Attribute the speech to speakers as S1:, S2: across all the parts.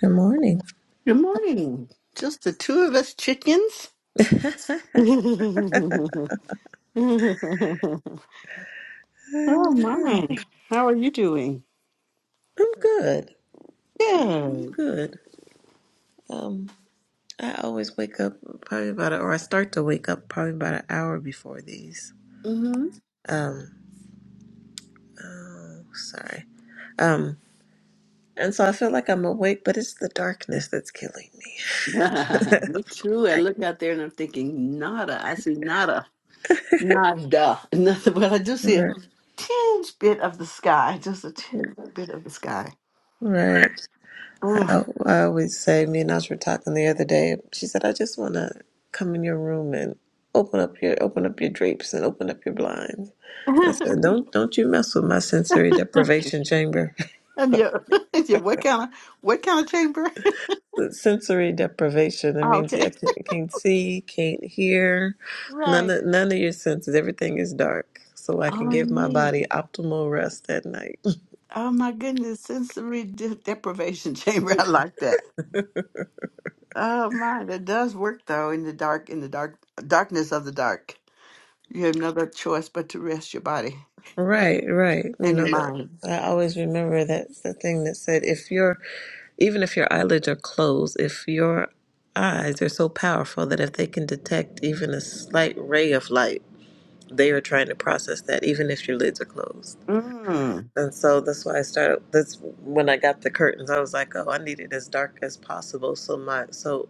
S1: Good morning.
S2: Good morning. Just the two of us chickens.
S1: I
S2: oh
S1: know.
S2: my. How are you doing?
S1: I'm good. I'm
S2: Good.
S1: good. Um, I always wake up probably about, a, or I start to wake up probably about an hour before these.
S2: hmm
S1: Um, oh, sorry. Um, and so I feel like I'm awake, but it's the darkness that's killing me.
S2: Me too. I
S1: I,
S2: look out there and I'm thinking nada. I see nada. Nada. Nothing but I do see a
S1: right.
S2: tinge bit of the sky. Just a tinge bit of the sky.
S1: Right. I,
S2: Ugh.
S1: al- I always say, me and Ash were talking the other day. She said, I just want to come in your room and open up your open up your drapes and open up your blinds I said, don't don't you mess with my sensory deprivation chamber.
S2: and your, your what kind of what kind of chamber?
S1: sensory deprivation that means
S2: okay.
S1: you can't, can't see, can't hear, none
S2: Right.
S1: of none of your senses. Everything is dark, so I
S2: Oh,
S1: can give my
S2: me.
S1: body optimal rest at night.
S2: Oh my goodness, sensory de- deprivation chamber. I like that. Oh my, that does work though in the dark, in the dark darkness of the dark. You have no other choice but to rest your body
S1: Right, right. You
S2: and
S1: know
S2: your
S1: that.
S2: mind.
S1: I always remember that the thing that said if your even if your eyelids are closed, if your eyes are so powerful that if they can detect even a slight ray of light, they are trying to process that even if your lids are closed.
S2: Mm.
S1: And so that's why I started. That's when I got the curtains. I was like, oh, I need it as dark as possible, so my so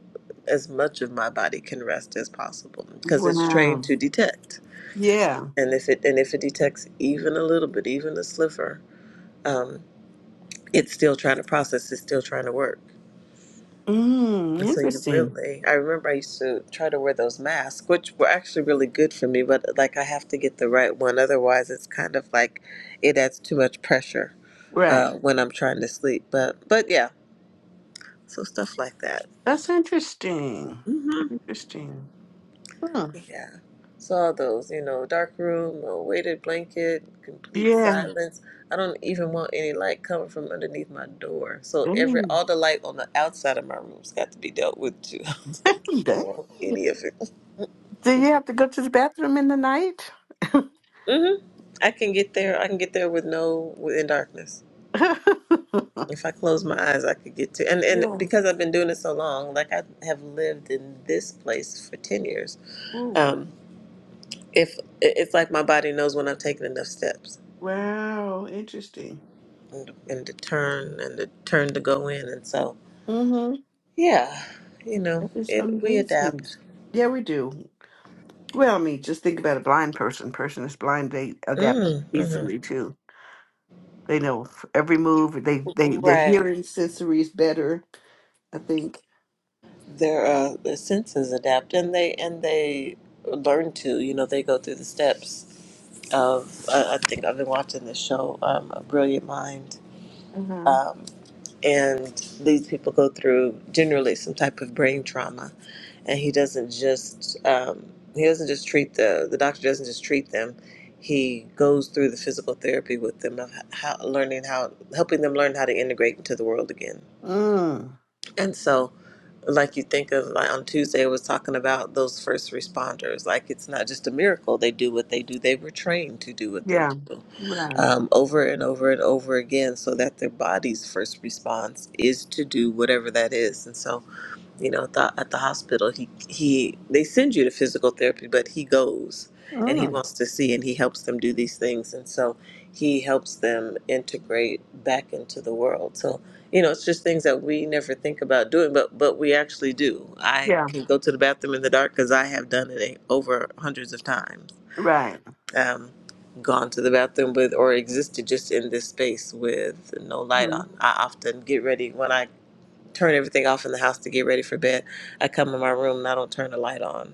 S1: as much of my body can rest as possible because it's trained
S2: Wow.
S1: to detect.
S2: Yeah.
S1: And if it and if it detects even a little bit, even a sliver, um, it's still trying to process. It's still trying to work.
S2: Mm,
S1: And So you
S2: interesting.
S1: really, I remember I used to try to wear those masks, which were actually really good for me, but like I have to get the right one. Otherwise, it's kind of like it adds too much pressure
S2: Right.
S1: uh, when I'm trying to sleep. But but yeah, so stuff like that.
S2: That's interesting.
S1: hmm
S2: Interesting. Hmm.
S1: Yeah. So all those, you know, dark room, a weighted blanket, complete
S2: Yeah.
S1: silence. I don't even want any light coming from underneath my door. So every
S2: Dang.
S1: all the light on the outside of my room's got to be dealt with too. I
S2: Dang.
S1: don't want any of it.
S2: Do you have to go to the bathroom in the night?
S1: hmm I can get there. I can get there with no in darkness. If I close my eyes, I could get to. And and
S2: yeah.
S1: because I've been doing it so long, like I have lived in this place for ten years.
S2: Ooh,
S1: Um, if it- it's like my body knows when I've taken enough steps
S2: Wow, interesting.
S1: and, and to turn and to turn to go in, and so
S2: Mm-hmm.
S1: yeah, you know,
S2: That is
S1: it we
S2: amazing.
S1: adapt.
S2: Yeah, we do. Well, I mean, just think about a blind person. Person that's blind, they adapt
S1: Mm, mm-hmm.
S2: easily too. They know every move. They they their
S1: Right.
S2: hearing sensory is better. I think.
S1: Their uh, the senses adapt, and they and they learn to. You know, they go through the steps of I I think I've been watching this show, um, A Brilliant Mind,
S2: Uh huh.
S1: um, and these people go through generally some type of brain trauma, and he doesn't just um, he doesn't just treat the the doctor doesn't just treat them. He goes through the physical therapy with them of how learning how helping them learn how to integrate into the world again,
S2: Mm.
S1: and so. Like you think of, like on Tuesday, I was talking about those first responders. Like it's not just a miracle they do what they do; they were trained to do what they
S2: Yeah.
S1: do
S2: Right.
S1: um, over and over and over again so that their body's first response is to do whatever that is and so you know at the, at the hospital he he they send you to physical therapy but he goes and he
S2: Mm.
S1: wants to see and he helps them do these things and so he helps them integrate back into the world so you know it's just things that we never think about doing but but we actually do i
S2: Yeah.
S1: can go to the bathroom in the dark because i have done it over hundreds of times
S2: Right.
S1: um, gone to the bathroom with or existed just in this space with no light
S2: Mhm.
S1: on. I often get ready when I turn everything off in the house to get ready for bed. I come in my room and I don't turn the light on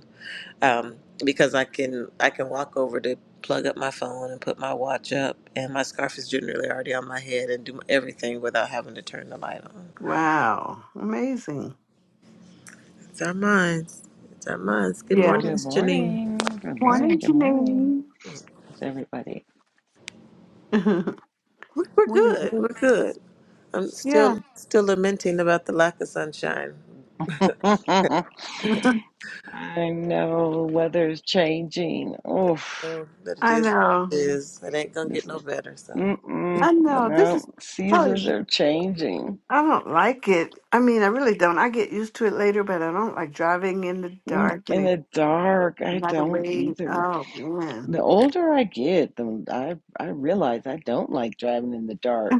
S1: um, because I can I can walk over to plug up my phone and put my watch up, and my scarf is generally already on my head and do everything without having to turn the light on.
S2: Wow. Amazing.
S1: It's our minds. It's our minds. Good
S2: Yeah.
S1: morning,
S3: Good
S1: Miss Janine.
S3: morning. Good morning.
S2: Morning,
S3: Good morning.
S2: Janine.
S3: How's everybody?
S1: We're, we're good. We're
S2: Morning.
S1: good. I'm
S2: Yeah.
S1: still still lamenting about the lack of sunshine.
S3: I know weather's changing. Oof.
S1: Um, but it
S2: I
S1: is what
S2: know.
S1: it is. It ain't gonna get
S3: This,
S1: no better. So
S3: mm-mm,
S2: I know this is
S3: no,
S2: probably.
S3: seasons are changing.
S2: I don't like it. I mean, I really don't. I get used to it later, but I don't like driving in the
S3: Mm,
S2: dark and
S3: In
S2: it
S3: the dark, I
S2: right
S3: don't
S2: away.
S3: either.
S2: Oh man.
S3: The older I get, the I I realize I don't like driving in the dark.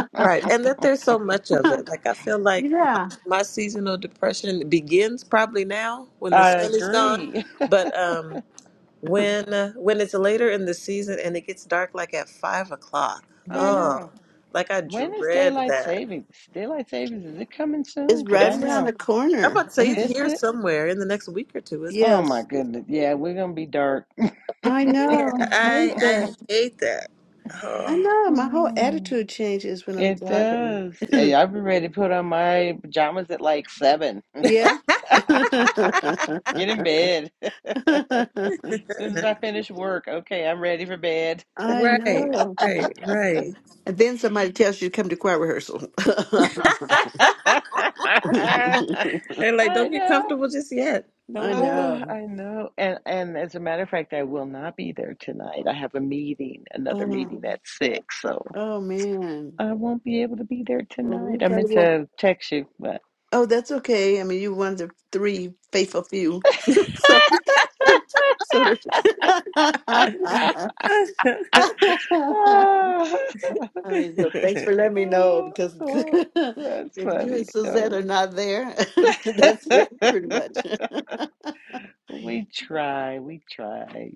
S3: I
S1: right, and that there's so much of it. Like I feel like
S2: yeah,
S1: my, my seasonal depression begins probably now when the sun is gone.
S3: agree.
S1: But um, when uh, when it's later in the season and it gets dark, like at five o'clock,
S3: I
S2: Yeah.
S1: oh,
S3: know.
S1: like I
S3: When is
S1: dread
S3: daylight
S1: that.
S3: savings? Daylight savings, is it coming
S2: it's
S3: soon? Because
S2: right
S3: I
S1: It's
S2: around the
S3: know.
S1: I'm
S2: corner.
S1: about to say it's
S3: Is
S1: here
S3: it?
S1: somewhere in the next week or two, isn't it?
S3: Oh my
S2: Yes,
S3: goodness. Yeah, we're gonna be dark.
S2: I
S1: Yeah,
S2: know. I
S1: I
S2: hate
S1: I
S2: that.
S1: hate that.
S2: I
S1: Oh,
S2: know. My whole
S3: Mm,
S2: attitude changes when I'm
S3: It
S2: driving.
S3: does. Yeah, I've been ready to put on my pajamas at like seven.
S2: yeah.
S3: Get in bed. As soon as I finish work, okay, I'm ready for bed.
S2: I
S1: right,
S2: know.
S1: right, right.
S2: And then somebody tells you to come to choir rehearsal.
S3: I
S1: And like, don't get
S3: know.
S1: comfortable just yet.
S2: I
S1: Don't do
S3: Oh,
S2: know.
S3: I know. And and as a matter of fact, I will not be there tonight. I have a meeting, another
S2: Oh,
S3: meeting at six, so
S2: oh man.
S3: I won't be able to be there
S2: Well, we
S3: tonight. I
S2: probably
S3: meant
S2: won't.
S3: to text you, but
S2: Oh, that's okay. I mean, you one of the three faithful few. so, so. the-
S1: it.
S2: I mean, so thanks for letting me know because
S3: Oh,
S2: if
S3: That's
S2: you and
S3: funny,
S2: Suzette
S3: though.
S2: are not there, that's it, pretty much.
S3: we try, we try.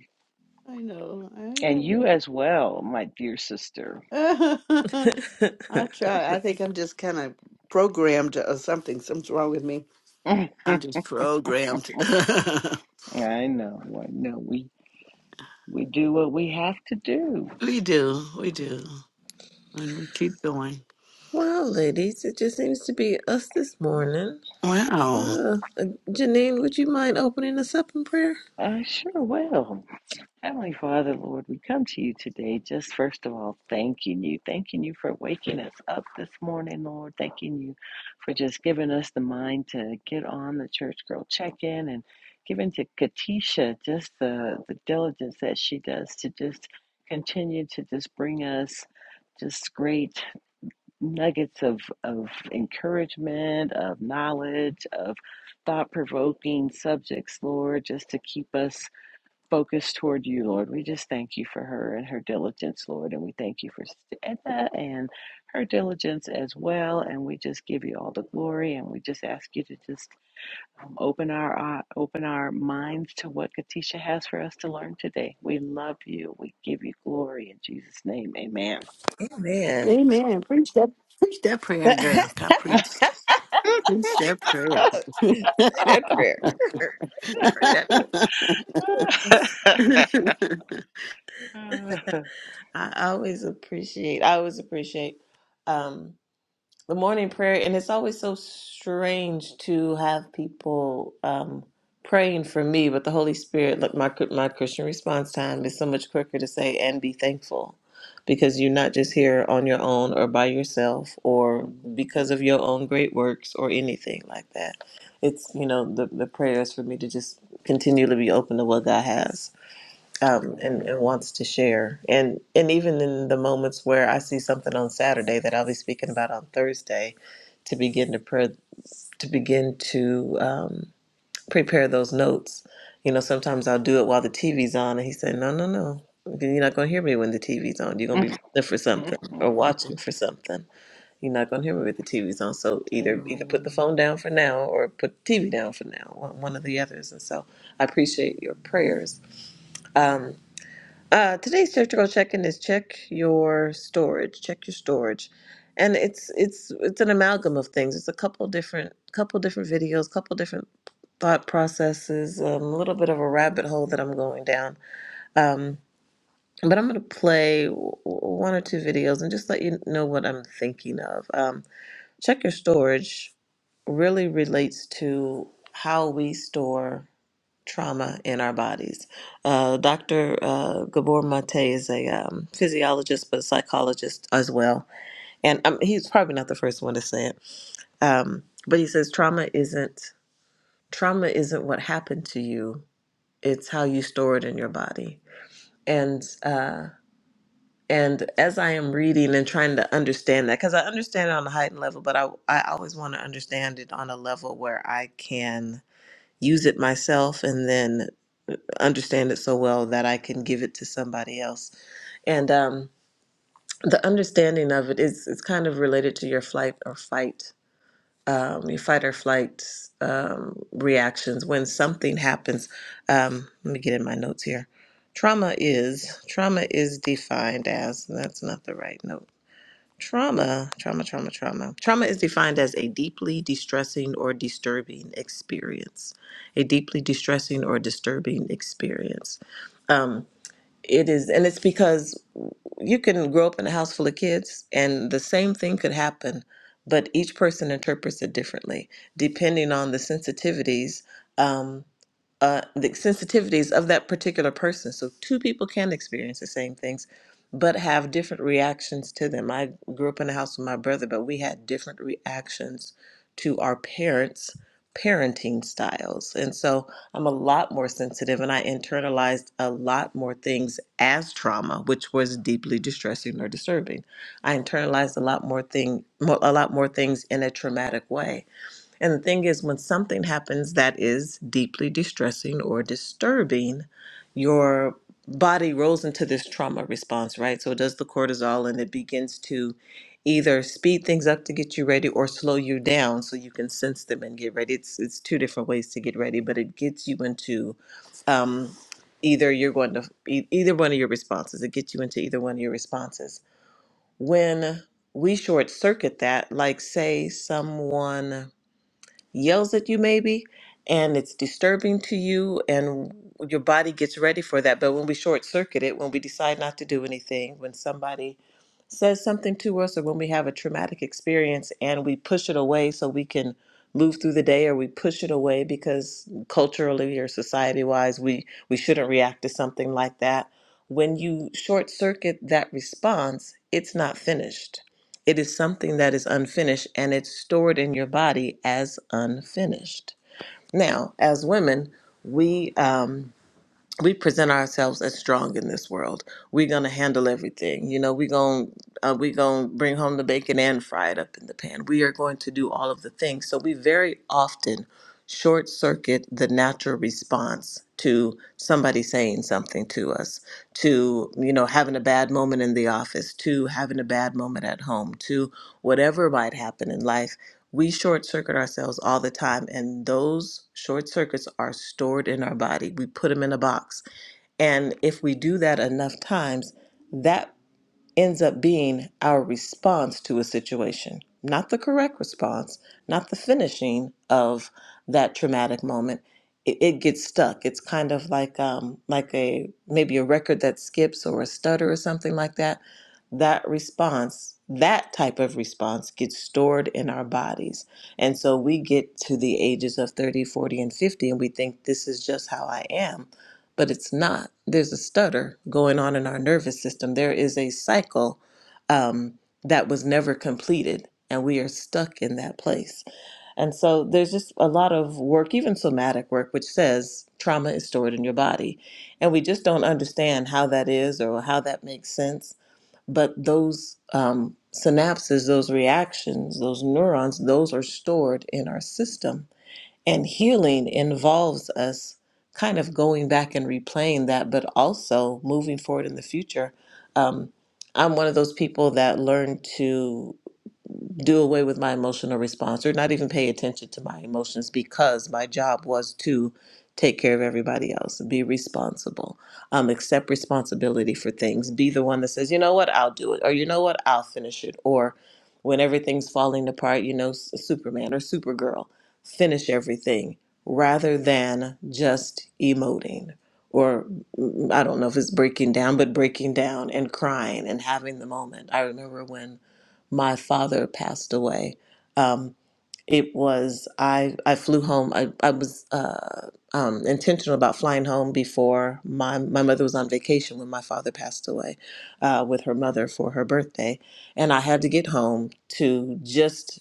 S2: I know. I
S3: And you
S2: know.
S3: as well, my dear sister.
S2: I try. I think I'm just kind of programmed or something. Something's wrong with me.
S3: I
S2: I'm just programmed.
S3: know, I know. We we do what we have to do.
S2: we do. We do. And we keep going.
S1: well, ladies, it just seems to be us this morning.
S2: Wow.
S1: Uh, Janine, would you mind opening us up in prayer?
S3: I sure will. Heavenly Father, Lord, we come to you today just first of all thanking you, thanking you for waking us up this morning, Lord, thanking you for just giving us the mind to get on the church girl check in and giving to Katisha just the, the diligence that she does to just continue to just bring us just great nuggets of, of encouragement, of knowledge, of thought provoking subjects, Lord, just to keep us focus toward you, Lord. We just thank you for her and her diligence, Lord. And we thank you for Edna and her diligence as well. And we just give you all the glory. And we just ask you to just um, open our uh, open our minds to what Katisha has for us to learn today. We love you. We give you glory in Jesus' name. Amen.
S1: Amen.
S2: Amen. Preach that. Preach that prayer, girl.
S1: Say
S2: God preach. Preach that prayer.
S1: that prayer. Pray that prayer. I always appreciate. I always appreciate. Um, the morning prayer and it's always so strange to have people um praying for me but the holy spirit like my my christian response time is so much quicker to say and be thankful because you're not just here on your own or by yourself or because of your own great works or anything like that it's you know the, the prayers for me to just continually be open to what god has um, and,
S3: Amen.
S1: and wants to share. And and even in the moments where I see something on Saturday that I'll be speaking about on Thursday, to begin to pre- to begin to um, prepare those notes. You know, sometimes I'll do it while the TV's on, and he said, "No, no, no." You're not gonna hear me when the TV's on. You're gonna be listening for something or watching for something. You're not gonna hear me with the TV's on. So either either put the
S3: Amen.
S1: phone down for now or put the TV down for now. One one of the others. And so I appreciate your prayers. Um, uh, today's technical check-in is check your storage, check your storage, and it's it's it's an amalgam of things. It's a couple different couple different videos, couple different thought processes, um, a little bit of a rabbit hole that I'm going down. Um, but I'm going to play w- w- one or two videos and just let you know what I'm thinking of. Um, check your storage really relates to how we store trauma in our bodies. Uh, Dr. Uh, Gabor Mate is a um, physiologist, but a psychologist as well. And um, he's probably not the first one to say it. Um, but he says trauma isn't trauma isn't what happened to you. It's how you store it in your body. And uh, and as I am reading and trying to understand that, because I understand it on a heightened level, but I I always want to understand it on a level where I can use it myself, and then understand it so well that I can give it to somebody else. And um, the understanding of it is it's kind of related to your flight or fight, um, your fight or flight um, reactions when something happens. Um, let me get in my notes here. Trauma is trauma is defined as that's not the right note. Trauma, trauma, trauma, trauma. Trauma is defined as a deeply distressing or disturbing experience. A deeply distressing or disturbing experience. Um, it is, and it's because you can grow up in a house full of kids, and the same thing could happen, but each person interprets it differently, depending on the sensitivities. um, uh, the sensitivities of that particular person. So two people can experience the same things, but have different reactions to them. I grew up in a house with my brother, but we had different reactions to our parents' parenting styles. And so I'm a lot more sensitive and I internalized a lot more things as trauma, which was deeply distressing or disturbing. I internalized a lot more thing mo- a lot more things in a traumatic way. And the thing is, when something happens that is deeply distressing or disturbing, your body rolls into this trauma response, right? So it does the cortisol and it begins to either speed things up to get you ready or slow you down so you can sense them and get ready. It's it's two different ways to get ready, but it gets you into um, either you're going to e- either one of your responses. It gets you into either one of your responses. When we short circuit that, like say someone yells at you maybe and it's disturbing to you and your body gets ready for that but when we short circuit it when we decide not to do anything when somebody says something to us or when we have a traumatic experience and we push it away so we can move through the day or we push it away because culturally or society wise we we shouldn't react to something like that when you short circuit that response it's not finished it is something that is unfinished and it's stored in your body as unfinished now as women we um, we present ourselves as strong in this world. We're gonna handle everything. You know, we're gonna uh, we're gonna bring home the bacon and fry it up in the pan. We are going to do all of the things. So we very often short circuit the natural response to somebody saying something to us, to you know having a bad moment in the office, to having a bad moment at home, to whatever might happen in life we short circuit ourselves all the time and those short circuits are stored in our body we put them in a box and if we do that enough times that ends up being our response to a situation, not the correct response, not the finishing of that traumatic moment. It, it gets stuck. It's kind of like um, like a maybe a record that skips or a stutter or something like that. That response, that type of response, gets stored in our bodies. And so we get to the ages of 30, 40, and 50, and we think this is just how I am but it's not. There's a stutter going on in our nervous system. There is a cycle um, that was never completed, and we are stuck in that place. And so there's just a lot of work, even somatic work, which says trauma is stored in your body. And we just don't understand how that is or how that makes sense. But those um, synapses, those reactions, those neurons, those are stored in our system. And healing involves us kind of going back and replaying that, but also moving forward in the future. Um, I'm one of those people that learned to do away with my emotional response or not even pay attention to my emotions because my job was to take care of everybody else be responsible um, accept responsibility for things be the one that says you know what i'll do it or you know what i'll finish it or when everything's falling apart you know S- superman or supergirl finish everything rather than just emoting or mm, i don't know if it's breaking down but breaking down and crying and having the moment i remember when my father passed away. Um, it was I. I flew home. I, I was uh, um, intentional about flying home before my my mother was on vacation when my father passed away uh, with her mother for her birthday, and I had to get home to just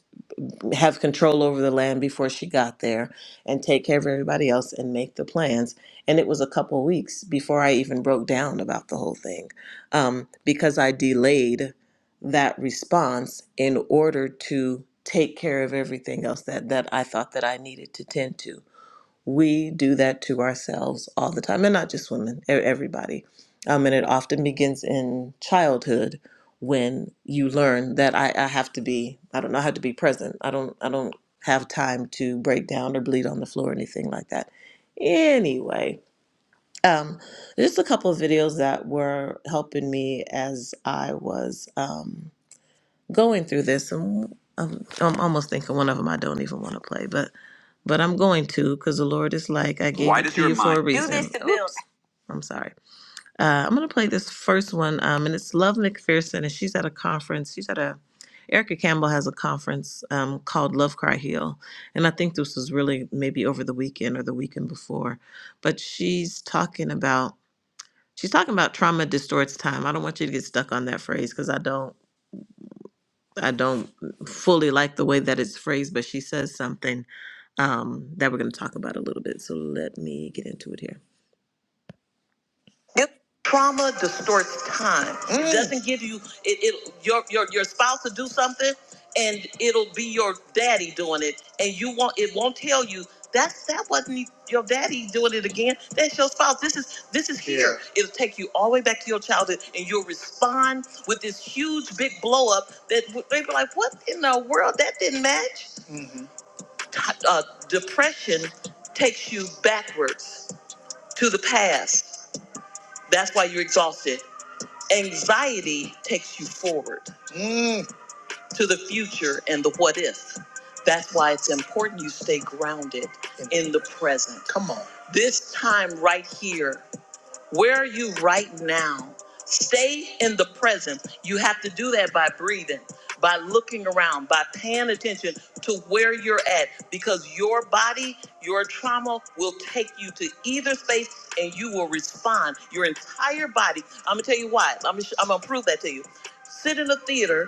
S1: have control over the land before she got there and take care of everybody else and make the plans. And it was a couple of weeks before I even broke down about the whole thing um, because I delayed that response in order to take care of everything else that, that I thought that I needed to tend to. We do that to ourselves all the time, and not just women, e- everybody. Um, and it often begins in childhood when you learn that I, I have to be, I don't know, I have to be present. I don't, I don't have time to break down or bleed on the floor or anything like that. Anyway, um, just a couple of videos that were helping me as I was. Um, going through this, and I'm, I'm almost thinking one of them I don't even want to play, but but I'm going to because the Lord is like, I gave Why it does to your you for a mind- a Do this reason. to build. Oops, I'm sorry. Uh, I'm gonna play this first one, um, and it's Love McPherson, and she's at a conference. She's at a Erica Campbell has a conference um, called Love Cry Heal, and I think this was really maybe over the weekend or the weekend before, but she's talking about she's talking about trauma distorts time. I don't want you to get stuck on that phrase because I don't. I don't fully like the way that it's phrased, but she says something um, that we're going to talk about a little bit. So let me get into it here. Yep. Trauma distorts time. Mm. It Mm. doesn't give you it. It your your your spouse will do something, and it'll be your daddy doing it, and you won't. It won't tell you that's that wasn't your daddy doing it again. That's your spouse. This is this is here. Yeah. It'll take you all the way back to your childhood, and you'll respond with this huge big blow up that w- they'll be like, "What in the world? That didn't match." Uh, depression takes you backwards to the past. That's why you're exhausted. Anxiety takes you forward Mm. to the future and the what if. That's why it's important you stay grounded in the present. Come on. This time right here where are you right now? Stay in the present. You have to do that by breathing, by looking around, by paying attention to where you're at because your body, your trauma will take you to either space and you will respond. Your entire body. I'm going to tell you why. I'm going I'm to prove that to you. Sit in a theater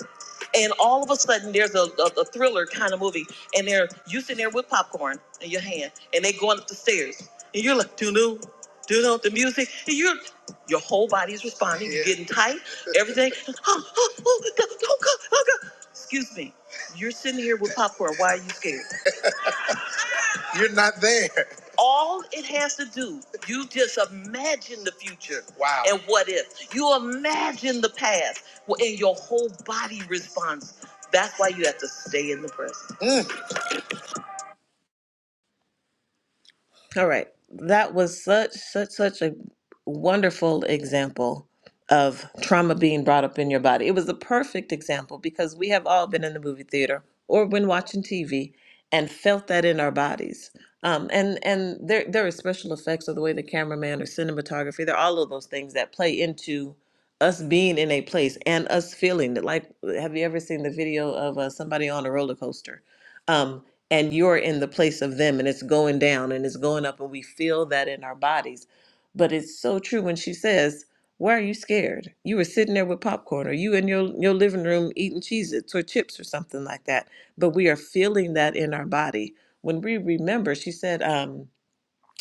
S1: and all of a sudden there's a, a, a thriller kind of movie and they're you sitting there with popcorn in your hand and they going up the stairs and you're like, doo do you know the music? Your your whole body is responding. You're Yeah. getting tight. Everything. Oh, oh, oh, do oh, do oh, go, do Excuse me. You're sitting here with popcorn. Why are you scared? You're not there. All it has to do, you just imagine the future. Wow. And what if? You imagine the past, well, and your whole body responds. That's why you have to stay in the present. Mm. All right. That was such such such a wonderful example of trauma being brought up in your body. It was the perfect example because we have all been in the movie theater or when watching TV and felt that in our bodies. Um, and and there there are special effects of the way the cameraman or cinematography. There are all of those things that play into us being in a place and us feeling it. Like, have you ever seen the video of uh, somebody on a roller coaster? Um, and you're in the place of them and it's going down and it's going up and we feel that in our bodies but it's so true when she says why are you scared you were sitting there with popcorn or you in your, your living room eating cheez its or chips or something like that but we are feeling that in our body when we remember she said um,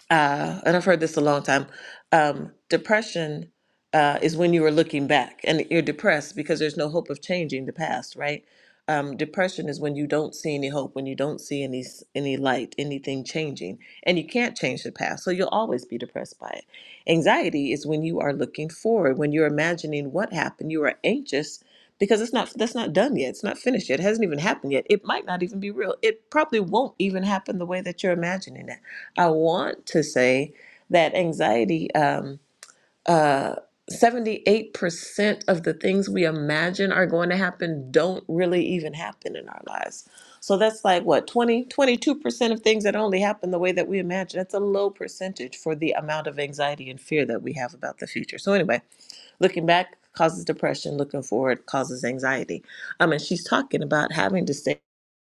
S1: uh, and I've heard this a long time. Um, depression uh, is when you are looking back and you're depressed because there's no hope of changing the past, right? Um, depression is when you don't see any hope, when you don't see any s- any light, anything changing, and you can't change the past, so you'll always be depressed by it. Anxiety is when you are looking forward, when you're imagining what happened. You are anxious because it's not that's not done yet. It's not finished yet. It hasn't even happened yet. It might not even be real. It probably won't even happen the way that you're imagining it I want to say that anxiety, um, uh, 78% of the things we imagine are going to happen don't really even happen in our lives. So that's like what, twenty, twenty-two percent of things that only happen the way that we imagine. That's a low percentage for the amount of anxiety and fear that we have about the future. So, anyway, looking back causes depression, looking forward causes anxiety. Um, and she's talking about having to stay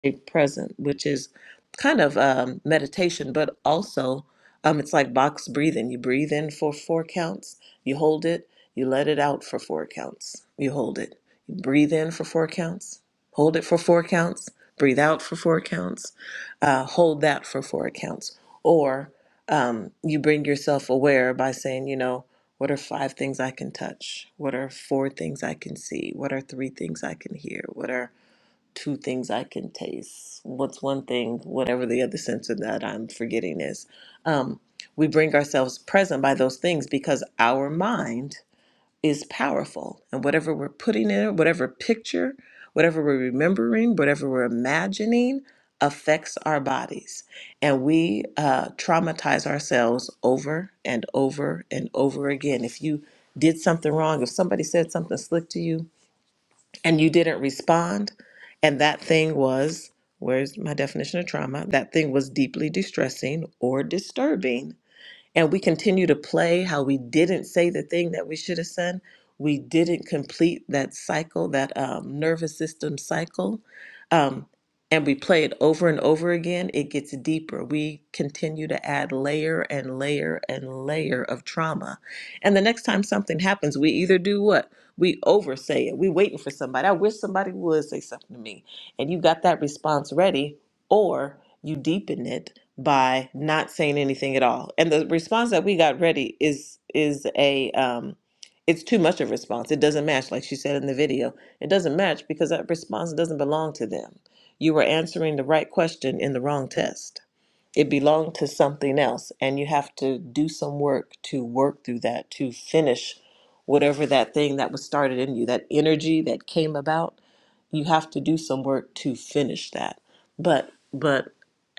S1: stay present, which is kind of um, meditation, but also um, it's like box breathing. You breathe in for four counts, you hold it, you let it out for four counts, you hold it. You breathe in for four counts, hold it for four counts, breathe out for four counts, uh, hold that for four counts. Or um, you bring yourself aware by saying, you know, what are five things I can touch? What are four things I can see? What are three things I can hear? What are two things I can taste. What's one thing, whatever the other sense of that I'm forgetting is. Um, we bring ourselves present by those things because our mind is powerful. And whatever we're putting in it, whatever picture, whatever we're remembering, whatever we're imagining, affects our bodies. And we uh, traumatize ourselves over and over and over again. If you did something wrong, if somebody said something slick to you, and you didn't respond and that thing was where's my definition of trauma that thing was deeply distressing or disturbing and we continue to play how we didn't say the thing that we should have said we didn't complete that cycle that um, nervous system cycle um, and we play it over and over again it gets deeper we continue to add layer and layer and layer of trauma and the next time something happens we either do what we oversay it we waiting for somebody i wish somebody would say something to me and you got that response ready or you deepen it by not saying anything at all. And the response that we got ready is is a um it's too much of a response. It doesn't match, like she said in the video. It doesn't match because that response doesn't belong to them. You were answering the right question in the wrong test it belonged to something else and you have to do some work to work through that to finish whatever that thing that was started in you that energy that came about you have to do some work to finish that but but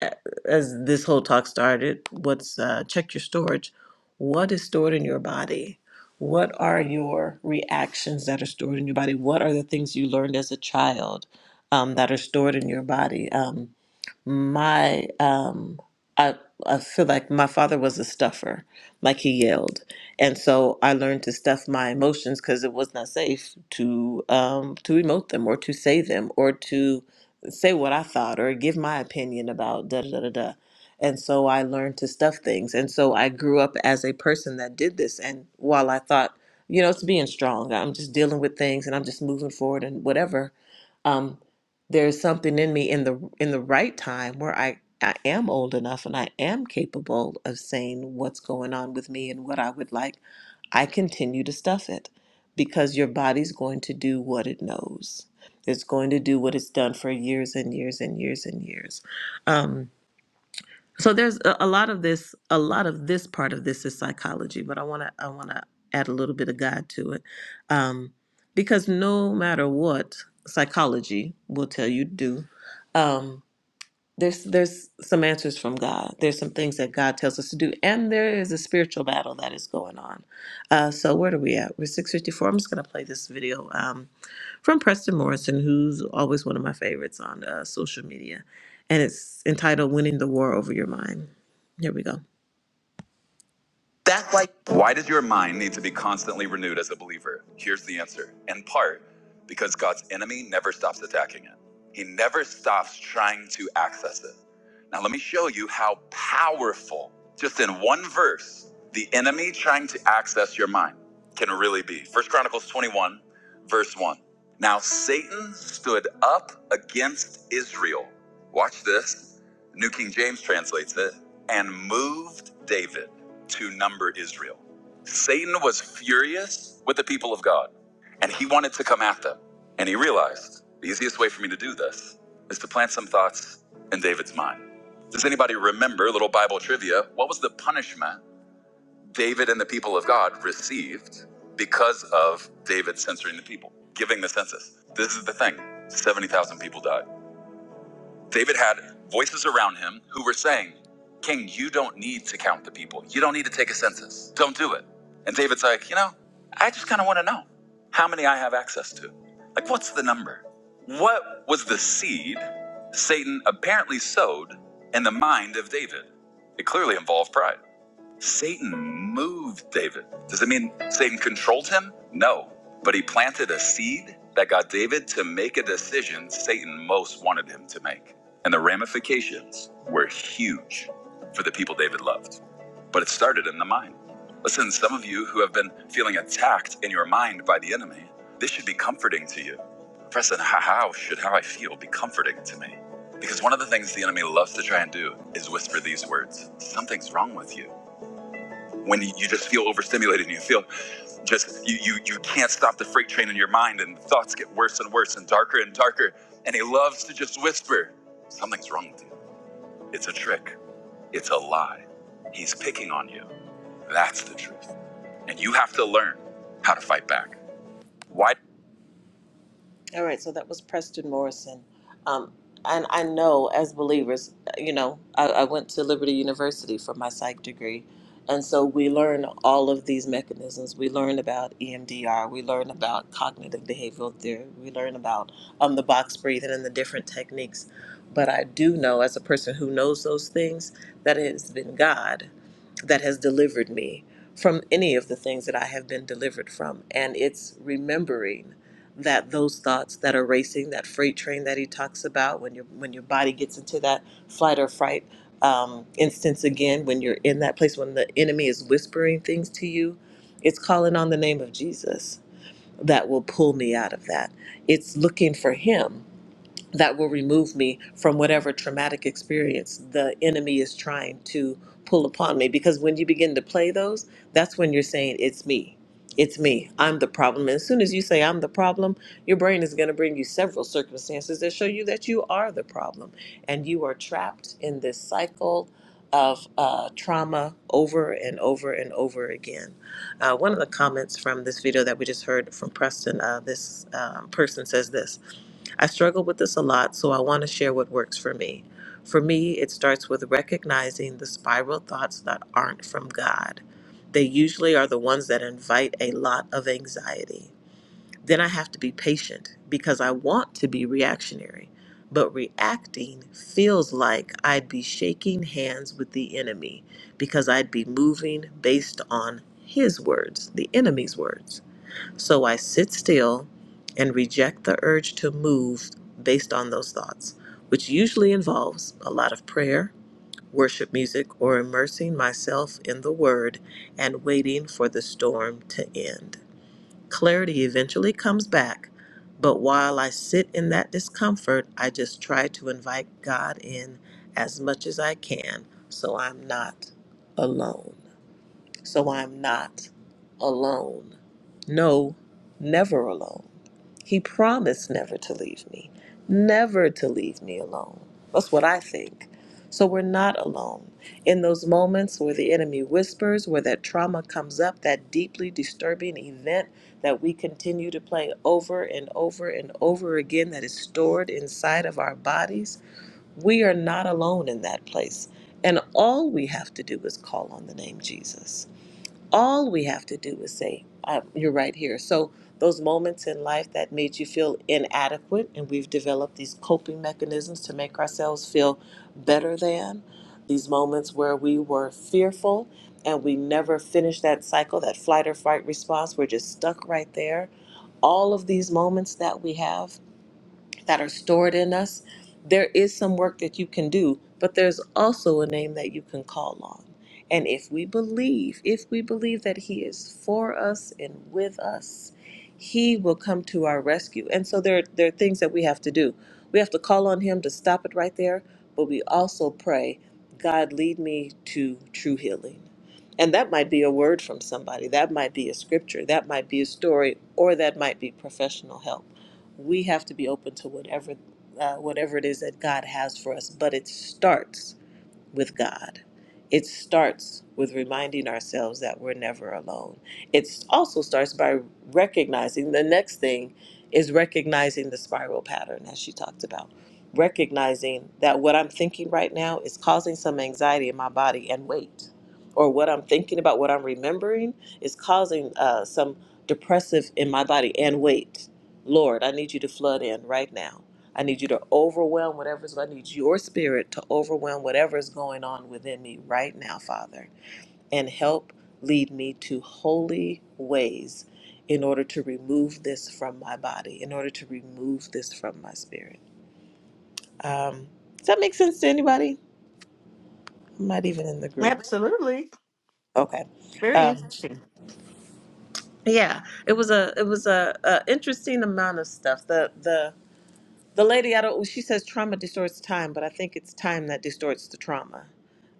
S1: a- as this whole talk started what's uh, check your storage what is stored in your body what are your reactions that are stored in your body what are the things you learned as a child um, that are stored in your body Um, my um I I feel like my father was a stuffer, like he yelled, and so I learned to stuff my emotions because it was not safe to um to emote them or to say them or to say what I thought or give my opinion about da da da da. da. And so I learned to stuff things, and so I grew up as a person that did this. And while I thought, you know, it's being strong, I'm just dealing with things and I'm just moving forward and whatever. um, there's something in me in the in the right time where I I am old enough and I am capable of saying what's going on with me and what I would like. I continue to stuff it because your body's going to do what it knows. It's going to do what it's done for years and years and years and years. Um, so there's a, a lot of this. A lot of this part of this is psychology, but I want to I want to add a little bit of God to it, um, because no matter what, psychology will tell you to do. Um, there's there's some answers from God. There's some things that God tells us to do, and there is a spiritual battle that is going on. Uh, so where are we at? We're six fifty four. I'm just gonna play this video um, from Preston Morrison, who's always one of my favorites on uh, social media, and it's entitled "Winning the War Over Your Mind." Here we go. That's like why does your mind need to be constantly renewed as a believer? Here's the answer. In part, because God's enemy never stops attacking it. He never stops trying to access it. Now let me show you how powerful just in one verse the enemy trying to access your mind can really be. First Chronicles 21 verse 1. Now Satan stood up against Israel. Watch this. New King James translates it and moved David to number Israel. Satan was furious with the people of God and he wanted to come at them. And he realized the easiest way for me to do this is to plant some thoughts in David's mind. Does anybody remember, little Bible trivia, what was the punishment David and the people of God received because of David censoring the people, giving the census? This is the thing 70,000 people died. David had voices around him who were saying, King, you don't need to count the people. You don't need to take a census. Don't do it. And David's like, You know, I just kind of want to know how many I have access to. Like, what's the number? What was the seed Satan apparently sowed in the mind of David? It clearly involved pride. Satan moved David. Does it mean Satan controlled him? No. But he planted a seed that got David to make a decision Satan most wanted him to make. And the ramifications were huge for the people David loved. But it started in the mind. Listen, some of you who have been feeling attacked in your mind by the enemy, this should be comforting to you. Preston, how how should how I feel be comforting to me? Because one of the things the enemy loves to try and do is whisper these words Something's wrong with you when you just feel overstimulated and you feel just you, you you can't stop the freight train in your mind and thoughts get worse and worse and darker and darker and he loves to just whisper something's wrong with you it's a trick it's a lie he's picking on you that's the truth and you have to learn how to fight back why All right, so that was Preston Morrison. Um, and I know as believers, you know, I, I went to Liberty University for my psych degree. And so we learn all of these mechanisms. We learn about EMDR. We learn about cognitive behavioral theory. We learn about um, the box breathing and the different techniques. But I do know, as a person who knows those things, that it has been God that has delivered me from any of the things that I have been delivered from. And it's remembering that those thoughts that are racing, that freight train that he talks about, when your when your body gets into that flight or fright um, instance again, when you're in that place when the enemy is whispering things to you, it's calling on the name of Jesus that will pull me out of that. It's looking for Him that will remove me from whatever traumatic experience the enemy is trying to pull upon me. Because when you begin to play those, that's when you're saying, It's me. It's me. I'm the problem. And as soon as you say, I'm the problem, your brain is going to bring you several circumstances that show you that you are the problem. And you are trapped in this cycle of uh, trauma over and over and over again. Uh, one of the comments from this video that we just heard from Preston, uh, this um, person says this. I struggle with this a lot, so I want to share what works for me. For me, it starts with recognizing the spiral thoughts that aren't from God. They usually are the ones that invite a lot of anxiety. Then I have to be patient because I want to be reactionary, but reacting feels like I'd be shaking hands with the enemy because I'd be moving based on his words, the enemy's words. So I sit still and reject the urge to move based on those thoughts, which usually involves a lot of prayer, worship music, or immersing myself in the Word and waiting for the storm to end. Clarity eventually comes back, but while I sit in that discomfort, I just try to invite God in as much as I can so I'm not alone so I'm not alone. No, never alone. He promised never to leave me, never to leave me alone. That's what I think. So we're not alone. In those moments where the enemy whispers, where that trauma comes up, that deeply disturbing event that we continue to play over and over and over again that is stored inside of our bodies, we are not alone in that place. And all we have to do is call on the name Jesus all we have to do is say, uh, You're right here. So, those moments in life that made you feel inadequate, and we've developed these coping mechanisms to make ourselves feel better than, these moments where we were fearful and we never finished that cycle, that flight or fight response, we're just stuck right there. All of these moments that we have that are stored in us. There is some work that you can do, but there's also a name that you can call on. And if we believe, if we believe that He is for us and with us, He will come to our rescue. And so there, there are things that we have to do. We have to call on Him to stop it right there, but we also pray, God, lead me to true healing. And that might be a word from somebody, that might be a scripture, that might be a story, or that might be professional help we have to be open to whatever uh, whatever it is that God has for us. But it starts with God. It starts with reminding ourselves that we're never alone. It also starts by recognizing the next thing is recognizing the spiral pattern, as she talked about. Recognizing that what I'm thinking right now is causing some anxiety in my body and weight, or what I'm thinking about, what I'm remembering is causing uh, some depressive in my body and weight. Lord, I need you to flood in right now I need you to overwhelm whatever's, I need your spirit to overwhelm whatever is going on within me right now, Father, and help lead me to holy ways in order to remove this from my body, in order to remove this from my spirit. Um, does that make sense to anybody? I'm not even in the group.
S2: Absolutely.
S1: Okay.
S2: Very
S1: Um,
S2: interesting.
S1: yeah, it was a it was a, a interesting amount of stuff. The the The lady, I don't. She says trauma distorts time, but I think it's time that distorts the trauma,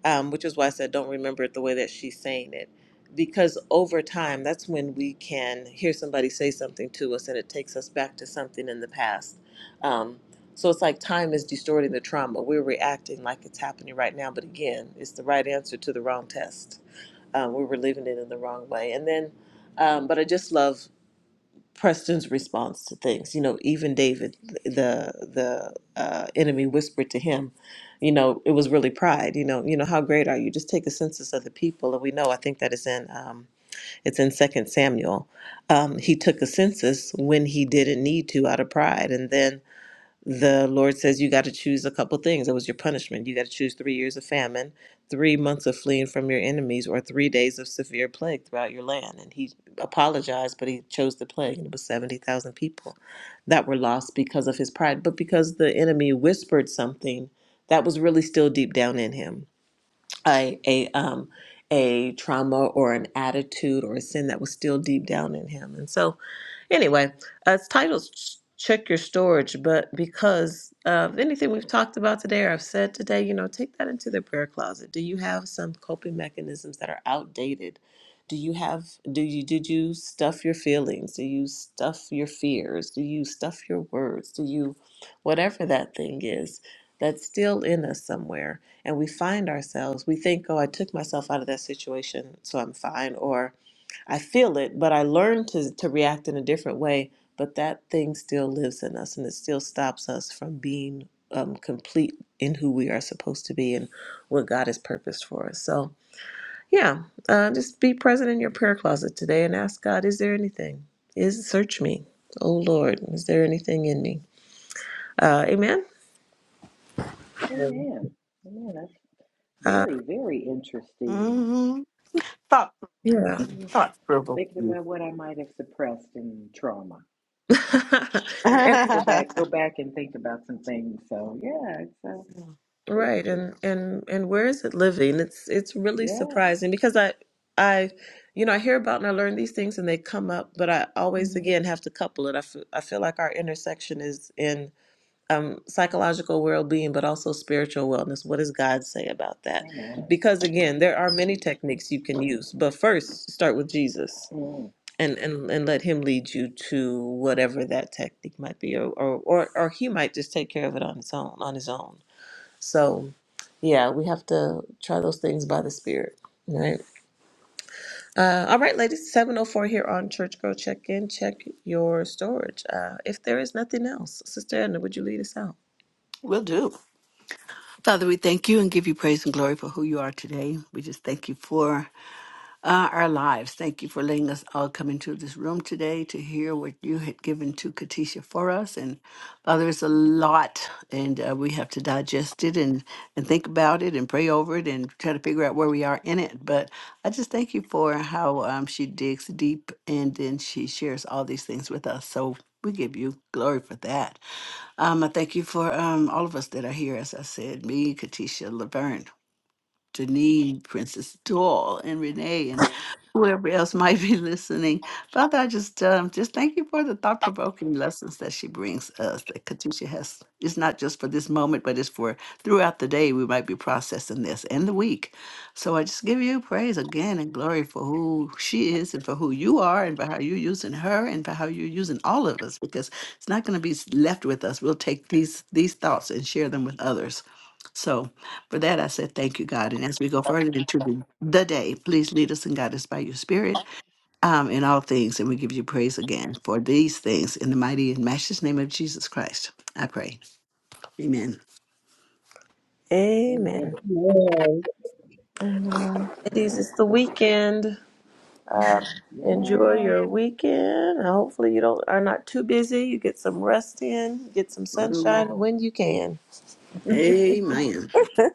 S1: um, which is why I said don't remember it the way that she's saying it, because over time, that's when we can hear somebody say something to us, and it takes us back to something in the past. Um, so it's like time is distorting the trauma. We're reacting like it's happening right now, but again, it's the right answer to the wrong test. Um, we're reliving it in the wrong way, and then. Um, but I just love Preston's response to things. You know, even David, the the uh, enemy whispered to him, you know, it was really pride. You know, you know how great are you? Just take a census of the people, and we know. I think that is in um, it's in Second Samuel. Um, he took a census when he didn't need to out of pride, and then the Lord says you got to choose a couple things. It was your punishment. You got to choose three years of famine, three months of fleeing from your enemies, or three days of severe plague throughout your land. And he apologized, but he chose the plague, and it was 70,000 people that were lost because of his pride, but because the enemy whispered something that was really still deep down in him a a um a trauma or an attitude or a sin that was still deep down in him. And so, anyway, uh, it's titled Ch- "Check Your Storage," but because of anything we've talked about today or I've said today, you know, take that into the prayer closet. Do you have some coping mechanisms that are outdated? Do you have do you did you stuff your feelings? Do you stuff your fears? Do you stuff your words? Do you whatever that thing is that's still in us somewhere? and we find ourselves we think oh i took myself out of that situation so i'm fine or i feel it but i learned to, to react in a different way but that thing still lives in us and it still stops us from being um, complete in who we are supposed to be and what god has purposed for us so yeah uh, just be present in your prayer closet today and ask god is there anything is search me oh lord is there anything in me uh, amen
S3: Amen. Amen. That's
S1: uh,
S3: very, very interesting.
S2: hmm Thought,
S1: yeah.
S3: Mm-hmm.
S2: thought
S3: Thinking
S2: provoking.
S3: about what I might have suppressed in trauma. Got
S1: and
S3: to go back, go back and think about some things. So yeah, it's uh, it's,
S1: Right,
S3: it's
S1: and and and where is it living? It's it's really
S3: yeah.
S1: surprising because I I you know I hear about and I learn these things and they come up, but I always
S3: hmm
S1: again have to couple it. I f I feel like our intersection is in um, psychological well-being, but also spiritual wellness. What does God say about that?
S3: Amen.
S1: Because again, there are many techniques you can use, but first start with Jesus
S3: Mm,
S1: and and and let Him lead you to whatever that technique might be, or or or, or He might just take care of it on its own on His own. So, yeah, we have to try those things by the Spirit, right? Uh, all right, ladies, 704 here on Church Girl Check In. Check your storage. Uh, if there is nothing else, Sister Edna, would you lead us out?
S2: will do. Father, we thank you and give you praise and glory for who you are today. We just thank you for uh, our lives. Thank you for letting us all come into this room today to hear what you had given to Katisha for us. And Father, it's a lot, and uh, we have to digest it and, and think about it and pray over it and try to figure out where we are in it. But I just thank you for how um, she digs deep and then she shares all these things with us. So we give you glory for that. Um, I thank you for um, all of us that are here, as I said, me, Katisha, Laverne, Janine, Princess Doll, and Renee, and whoever else might be listening. Father, I just um, just thank you for the thought provoking lessons that she brings us. That Katusha has it's not just for this moment, but it's for throughout the day. We might be processing this and the week. So I just give you praise again and glory for who she is and for who you are and for how you're using her and for how you're using all of us. Because it's not going to be s- left with us. We'll take these these thoughts and share them with others. So. For that, I said, thank you, God. And as we go further into the, the day, please lead us and guide us by your spirit um, in all things. And we give you praise again for these things in the mighty and matchless name of Jesus Christ. I pray. Amen.
S1: Amen.
S3: Amen.
S4: Amen.
S5: Amen.
S1: Ladies,
S3: Amen.
S1: it's the
S3: Good.
S1: weekend. Um, enjoy
S3: Yes.
S1: your weekend. and Hopefully, you don't are not too busy. You get some rest in, get some
S2: Mm,
S1: sunshine when you can.
S2: Amen.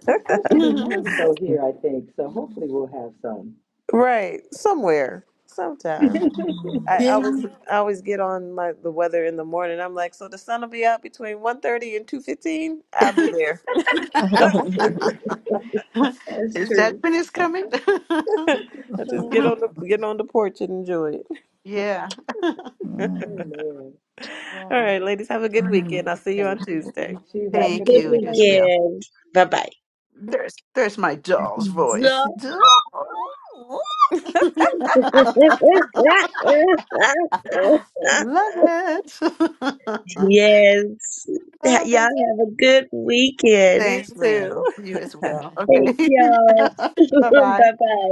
S3: it's supposed to be nice though here, I think. So hopefully we'll have some.
S1: Right, somewhere, sometime. I
S2: yeah.
S1: always I always get on my the weather in the morning. I'm like, so the sun will be out between one thirty and two fifteen. I'll be there.
S3: That's true. That's
S2: Is that
S3: true.
S2: when it's coming?
S1: I just get
S3: Oh,
S1: on the get on the porch and enjoy it.
S2: yeah.
S3: amen.
S1: All
S2: Well,
S1: right, ladies, have a good weekend. I'll see you
S3: Thank
S1: on
S3: you.
S1: Tuesday.
S3: You too. Have a
S4: Have a
S3: good
S2: thank
S4: good
S2: you.
S3: weekend,
S2: Yes,
S3: ladies.
S2: will.
S4: weekend. Bye bye.
S2: There's there's my doll's voice. Doll. Love it.
S4: yes. Y'all have a good weekend.
S1: You
S2: Thanks,
S1: too.
S2: Lynn. You as well.
S4: Thank
S2: Okay.
S4: y'all.
S2: Bye bye.
S4: bye bye.